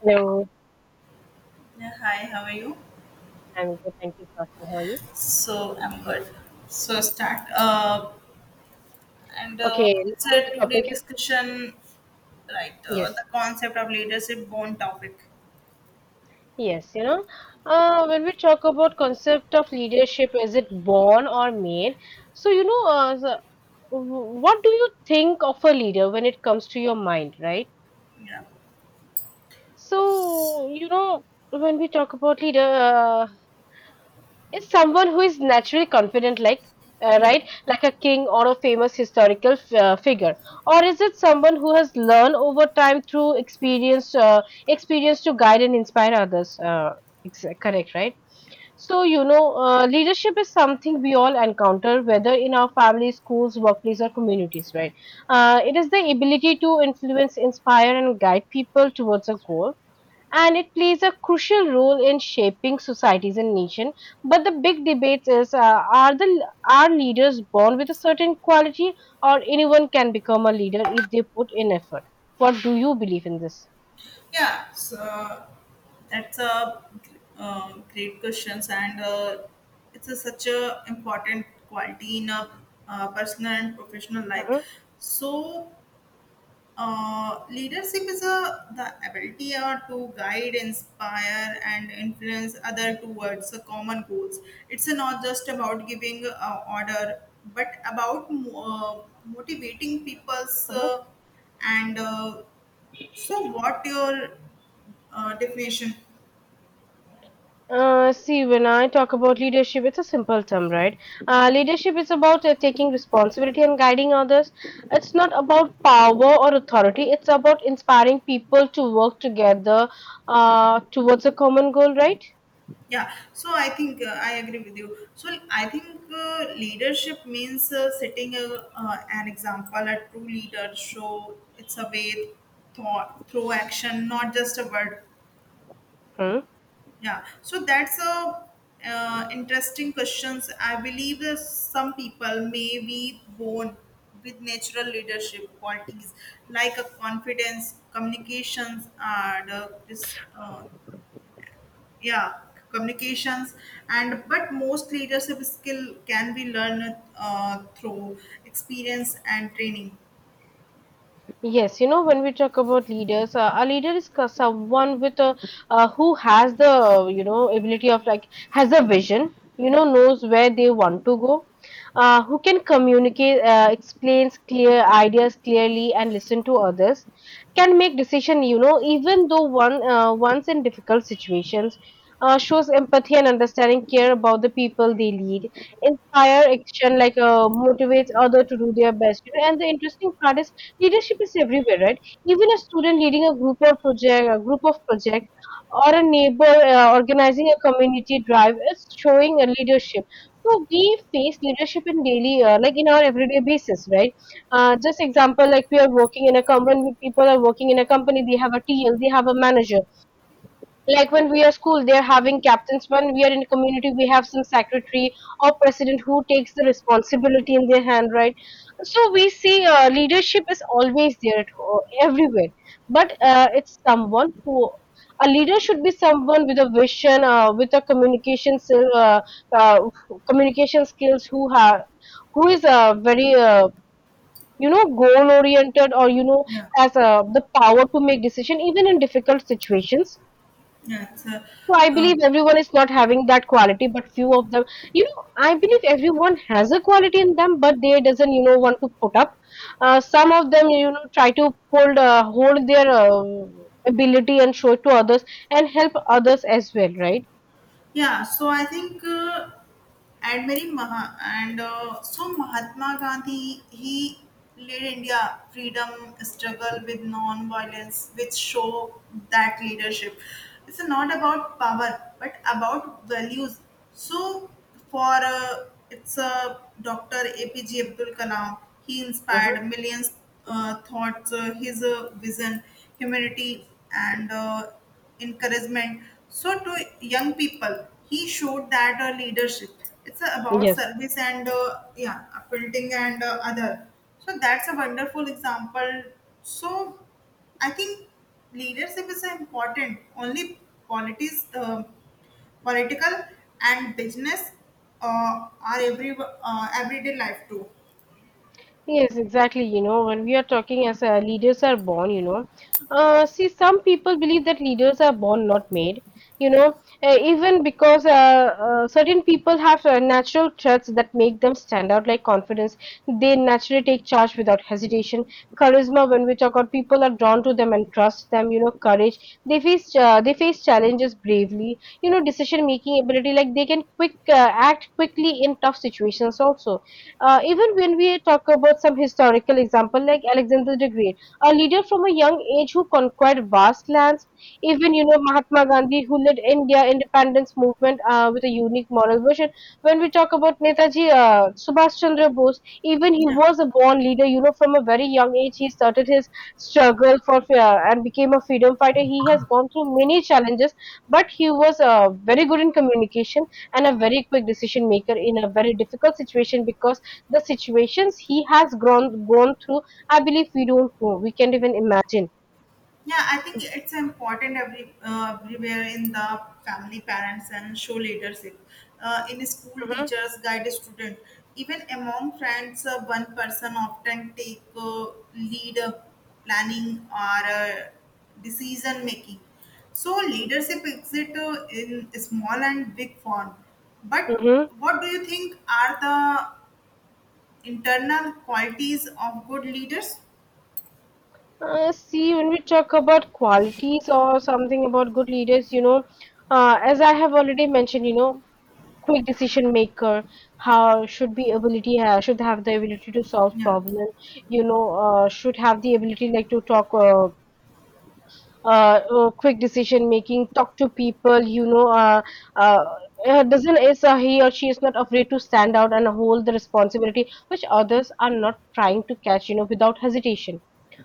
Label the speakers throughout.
Speaker 1: Hello,
Speaker 2: Yeah, hi, how are you?
Speaker 1: I'm good. Thank you for asking. How are you?
Speaker 2: So I'm good. So start. And
Speaker 1: Okay, now
Speaker 2: it's
Speaker 1: the
Speaker 2: a two-day
Speaker 1: topic is
Speaker 2: discussion, right? The
Speaker 1: yes,
Speaker 2: concept of leadership bond topic.
Speaker 1: yes. You know, when we talk about concept of leadership, is it born or made? So you know, uh, so what do you think of a leader when it comes to your mind, right?
Speaker 2: Yeah.
Speaker 1: So you know, when we talk about leader, is someone who is naturally confident, like
Speaker 2: Yeah.
Speaker 1: right, like a king or a famous historical figure, or is it someone who has learned over time through experience to guide and inspire others? Correct, right? So you know, leadership is something we all encounter, whether in our family, schools, workplace, or communities, right? It is the ability to influence, inspire, and guide people towards a goal, and it plays a crucial role in shaping societies and nation. But the big debates is are the are leaders born with a certain quality, or anyone can become a leader if they put in effort? What do you believe in this?
Speaker 2: Yeah. So that's a great questions, and it's a, such a important quality in a personal and professional life.
Speaker 1: Mhm,
Speaker 2: So leadership is a, the ability to guide, inspire, and influence other towards the common goals. It's not just about giving order, but about motivating people's.
Speaker 1: mhm.
Speaker 2: And uh, what your definition?
Speaker 1: See, when I talk about leadership, it's a simple term, right? Leadership is about taking responsibility and guiding others. It's not about power or authority. It's about inspiring people to work together towards a common goal, right?
Speaker 2: Yeah, so I think I agree with you. So I think leadership means setting a, an example, a true leader show it's a way thought through action, not just a word.
Speaker 1: Hmm?
Speaker 2: Yeah, so that's a interesting questions. I believe some people may be born with natural leadership qualities like a confidence, communications, and this. Yeah, communications, and but most leadership skill can be learned through experience and training.
Speaker 1: Yes, you know, when we talk about leaders, a leader is someone with a who has the you know ability of like has a vision, you
Speaker 2: Yeah,
Speaker 1: know, knows where they want to go, who can communicate, explains clear ideas clearly, and listen to others,
Speaker 2: yeah
Speaker 1: can make decision, you know, even though one once in difficult situations. Shows empathy and understanding, care about the people they lead, inspire action, like motivates other to do their best. You know, and the interesting part is leadership is everywhere, right? Even a student leading a group or project, a group of project, or a neighbor organizing a community drive is showing a leadership. So we face leadership in like in our everyday basis, right? Just example, like we are working in a company, people are working in a company, they have a TL, they have a manager, like when we are school they are having captains, when we are in community we have some secretary or president who takes the responsibility in their hand, right? So we see leadership is always there at everywhere. But it's someone who, a leader should be someone with a vision, with a communication uh, communication skills, who have, who is very you know goal oriented, or you know
Speaker 2: yeah,
Speaker 1: has the power to make decision even in difficult situations.
Speaker 2: yeah. It's a,
Speaker 1: So I
Speaker 2: uh,
Speaker 1: believe everyone is not having that quality, but few of them, you know, I believe everyone has a quality in them, but they doesn't, you know, want to put up. Some of them, you know, try to hold, hold their ability and show it to others and help others as well, right?
Speaker 2: Yeah, so I think admiring Maha and so Mahatma Gandhi, he led India freedom struggle with non-violence, which show that leadership. It's not about power, but about values. So for it's Dr. APJ Abdul Kalam, he inspired
Speaker 1: Mhm.
Speaker 2: millions thoughts. His vision, humanity, and encouragement. So to young people, he showed that leadership. It's about
Speaker 1: Yes.
Speaker 2: service and yeah, building and other. So that's a wonderful example. So I think leadership is important. Only politics, political and business are everyday life too.
Speaker 1: Yes, exactly. You know, when we are talking as leaders are born, you know, see, some people believe that leaders are born, not made. You know, even because certain people have natural traits that make them stand out, like confidence. They naturally take charge without hesitation. Charisma, when we talk about people are drawn to them and trust them. You know, courage. They face challenges bravely. You know, decision making ability, like they can quick act quickly in tough situations also. Even when we talk about some historical example like Alexander the Great, a leader from a young age who conquered vast lands, even you know Mahatma Gandhi who led India independence movement with a unique moral vision. When we talk about Netaji Subhash Chandra Bose, even he
Speaker 2: Yeah.
Speaker 1: was a born leader. You know, from a very young age, he started his struggle for and became a freedom fighter. He has gone through many challenges, but he was very good in communication and a very quick decision maker in a very difficult situation, because the situations he has grown gone through, I believe we don't know. We can't even imagine.
Speaker 2: Yeah, I think it's important everywhere in the family, parents, and show leadership. In school,
Speaker 1: Hmm.
Speaker 2: teachers guide a student. Even among friends, one person often take lead planning or decision making. So leadership exist in small and big form. But
Speaker 1: Mm-hmm.
Speaker 2: what do you think are the internal qualities of good leaders?
Speaker 1: See, when we talk about qualities or something about good leaders, you know, as I have already mentioned, you know, quick decision maker, how should be ability, should have the ability to solve
Speaker 2: Yeah,
Speaker 1: problem, you know, should have the ability like to quick decision making, talk to people, you know, uh, doesn't is he or she is not afraid to stand out and hold the responsibility which others are not trying to catch, you know, without hesitation.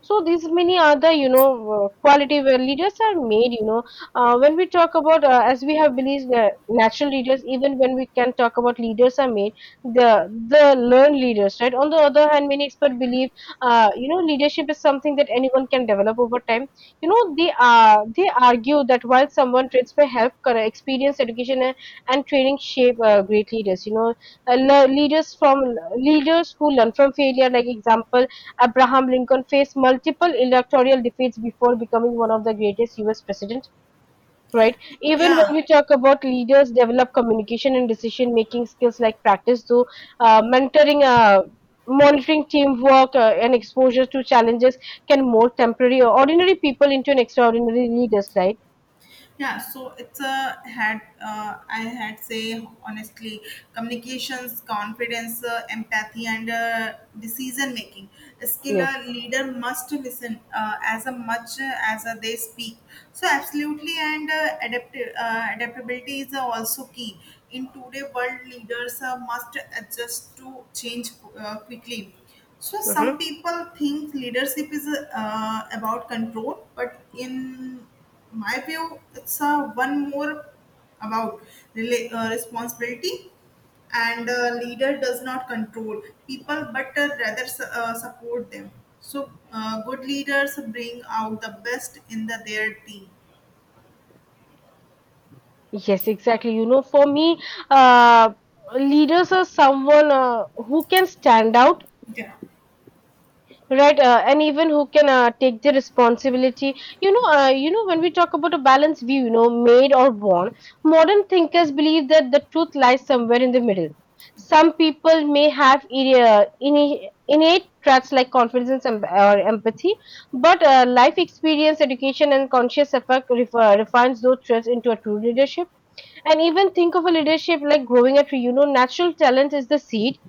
Speaker 1: So these many other you know quality where leaders are made, you know, when we talk about as we have believed the natural leaders, even when we can talk about leaders are made, the the learned leaders, right? On the other hand, many experts believe you know leadership is something that anyone can develop over time, you know. They argue that while someone traits may help correct, experience, education, and training shape great leaders, you know. Leaders from leaders who learn from failure, like example Abraham Lincoln faced multiple electoral defeats before becoming one of the greatest US presidents, right? Even when
Speaker 2: yeah.
Speaker 1: we talk about leaders develop communication and decision making skills like practice through mentoring, monitoring teamwork, and exposure to challenges, can mold temporary or ordinary people into an extraordinary leaders, right?
Speaker 2: Yeah, so it's a had I had say honestly, communications, confidence, empathy, and decision making. A skill a
Speaker 1: Yes.
Speaker 2: leader must listen as a much as they speak. So absolutely, and adaptability is also key. In today world, leaders must adjust to change quickly. So
Speaker 1: Hmm.
Speaker 2: some people think leadership is about control, but in my view, it's one more about responsibility. And leader does not control people, but rather support them. So good leaders bring out the best in the, their team.
Speaker 1: Yes, exactly. You know, for me, uh, leaders are someone who can stand out,
Speaker 2: Yeah,
Speaker 1: right, and even who can take the responsibility. You know, when we talk about a balanced view, you know, made or born, modern thinkers believe that the truth lies somewhere in the middle. Some people may have innate traits like confidence and em- or empathy, but life experience, education, and conscious effort refines those traits into a true leadership. And even think of a leadership like growing a tree. You know, natural talent is the seed,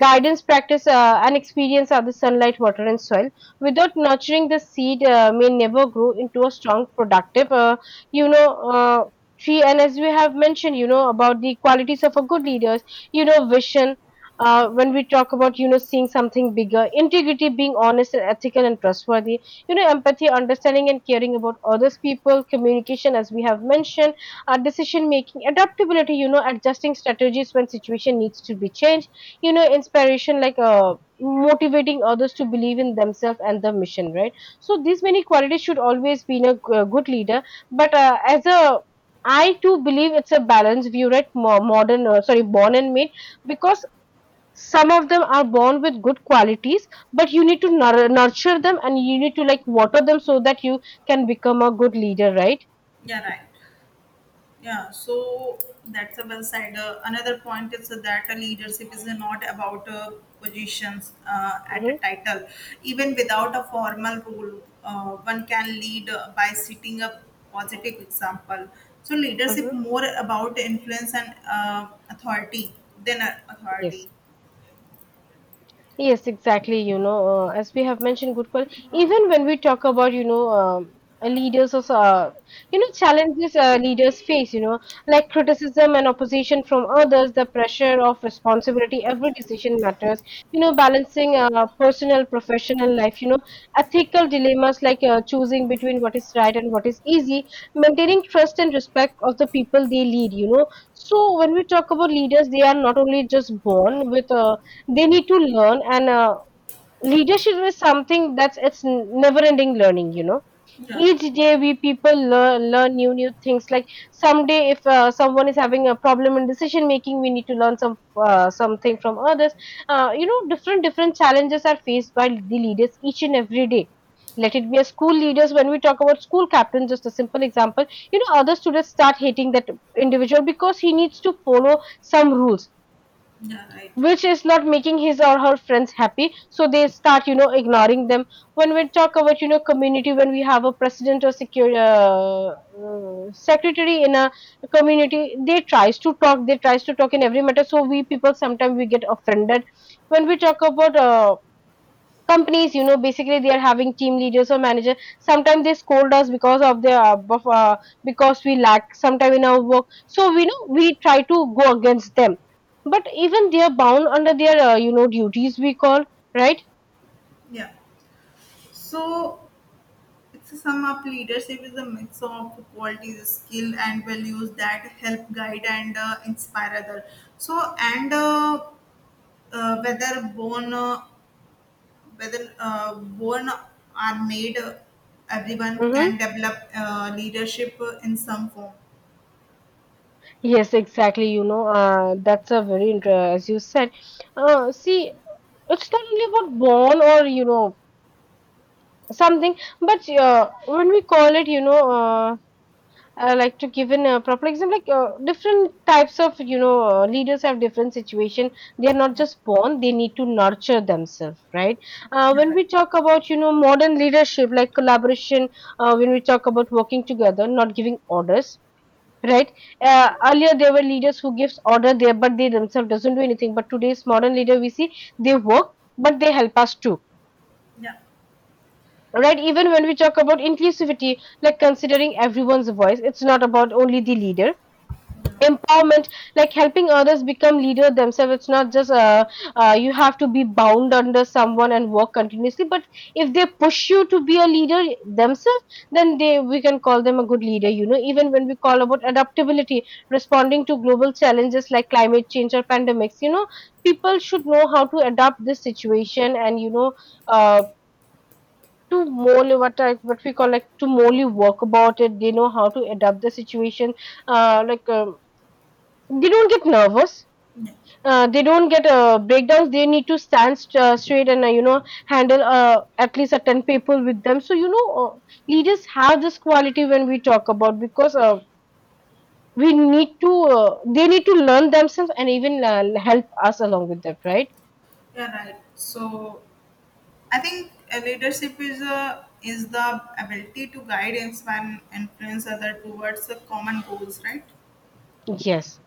Speaker 1: guidance, practice, and experience are the sunlight, water, and soil. Without nurturing, the seed may never grow into a strong, productive, you know, uh, tree. And as we have mentioned, you know, about the qualities of a good leaders. You know, vision. When we talk about you know seeing something bigger, integrity being honest and ethical and trustworthy, you know empathy understanding and caring about others people, communication as we have mentioned, decision making, adaptability, you know adjusting strategies when situation needs to be changed, you know inspiration like motivating others to believe in themselves and the mission, right? So these many qualities should always be in a a good leader. But as a, I too believe it's a balanced view, right? Mo- modern sorry born and made, because some of them are born with good qualities, but you need to nurture them and you need to like water them, so that you can become a good leader, right?
Speaker 2: yeah, right. Yeah, so that's a well said. Another point is that a leadership is not about positions at a
Speaker 1: Mm-hmm.
Speaker 2: title. Even without a formal role, one can lead by setting a positive example. So leadership
Speaker 1: Mm-hmm.
Speaker 2: more about influence and authority than
Speaker 1: Yes.
Speaker 2: authority.
Speaker 1: Yes, exactly. You know, as we have mentioned, good quality. Even when we talk about, you know, leaders of, you know, challenges leaders face, you know, like criticism and opposition from others, the pressure of responsibility, every decision matters. You know, balancing personal, professional life, you know, ethical dilemmas like choosing between what is right and what is easy, maintaining trust and respect of the people they lead, you know. So when we talk about leaders, they are not only just born with they need to learn, and leadership is something that's it's never ending learning, you know.
Speaker 2: Yeah,
Speaker 1: Each day we people learn new things, like someday if someone is having a problem in decision making, we need to learn some something from others, you know different challenges are faced by the leaders each and every day. Let it be a school leaders, when we talk about school captain just a simple example, you know other students start hating that individual because he needs to follow some rules,
Speaker 2: yeah, right.
Speaker 1: which is not making his or her friends happy, so they start you know ignoring them. When we talk about you know community, when we have a president or secure secretary in a community, they tries to talk in every matter, so we people sometimes we get offended. When we talk about companies, you know basically they are having team leaders or manager, sometimes they scold us because of the because we lack sometime in our work, so we know we try to go against them. But even they are bound under their you know duties we call, right?
Speaker 2: Yeah. So it's a sum up leadership is a mix of qualities, skill, and values that help guide and inspire others. So, uh, whether born, uh, whether born are made, everyone can
Speaker 1: Mm-hmm.
Speaker 2: develop leadership in some form.
Speaker 1: Yes, exactly, you know, that's a very as you said, see, it's not only about born or you know something, but when we call it you know, I like to give an a proper example, like different types of you know leaders have different situation, they
Speaker 2: Yeah,
Speaker 1: are not
Speaker 2: yeah,
Speaker 1: just born, they need to nurture themselves, right? Uh,
Speaker 2: you're
Speaker 1: when
Speaker 2: right.
Speaker 1: we talk about you know modern leadership like collaboration, when we talk about working together, not giving orders, right? Uh, earlier there were leaders who gives order there, but they themselves doesn't do anything, but today's modern leader we see they work but they help us too,
Speaker 2: Yeah,
Speaker 1: right? Even when we talk about inclusivity, like considering everyone's voice, it's not about only the leader.
Speaker 2: yeah.
Speaker 1: Empowerment, like helping others become leader themselves, it's not just you have to be bound under someone and work continuously, but if they push you to be a leader themselves, then they we can call them a good leader, you know. Even when we call about adaptability, responding to global challenges like climate change or pandemics, you know people should know how to adapt this situation, and you know, uh, to more what what we call like to more work about it, they know how to adapt the situation, uh, like um, they don't get nervous,
Speaker 2: Yeah.
Speaker 1: they don't get breakdowns, they need to straight and you know handle at least a 10 people with them, so you know leaders have this quality when we talk about, because we need to they need to learn themselves and even help us along with that, right?
Speaker 2: You're right. So I think leadership is a is the ability to guide, inspire, and influence other towards the common goals, right?
Speaker 1: Yes,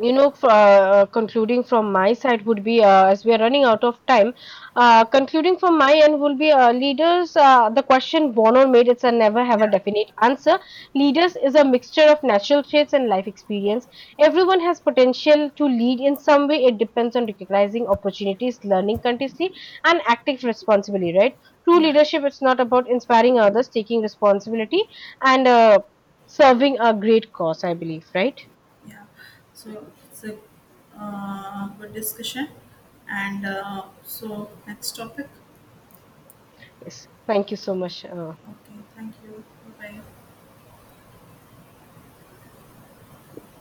Speaker 1: you know, for, concluding from my side would be as we are running out of time. Concluding from my end will be leaders. The question born or made, it's a never have a
Speaker 2: Yeah,
Speaker 1: definite answer. Leaders is a mixture of natural traits and life experience. Everyone has potential to lead in some way. It depends on recognizing opportunities, learning continuously, and acting responsibly, right? True
Speaker 2: yeah,
Speaker 1: leadership, it's not about inspiring others, taking responsibility, and serving a great cause, I believe, right?
Speaker 2: yeah. So it's a good discussion, and so next topic.
Speaker 1: Yes. Thank you so much
Speaker 2: Okay, thank you. Bye bye.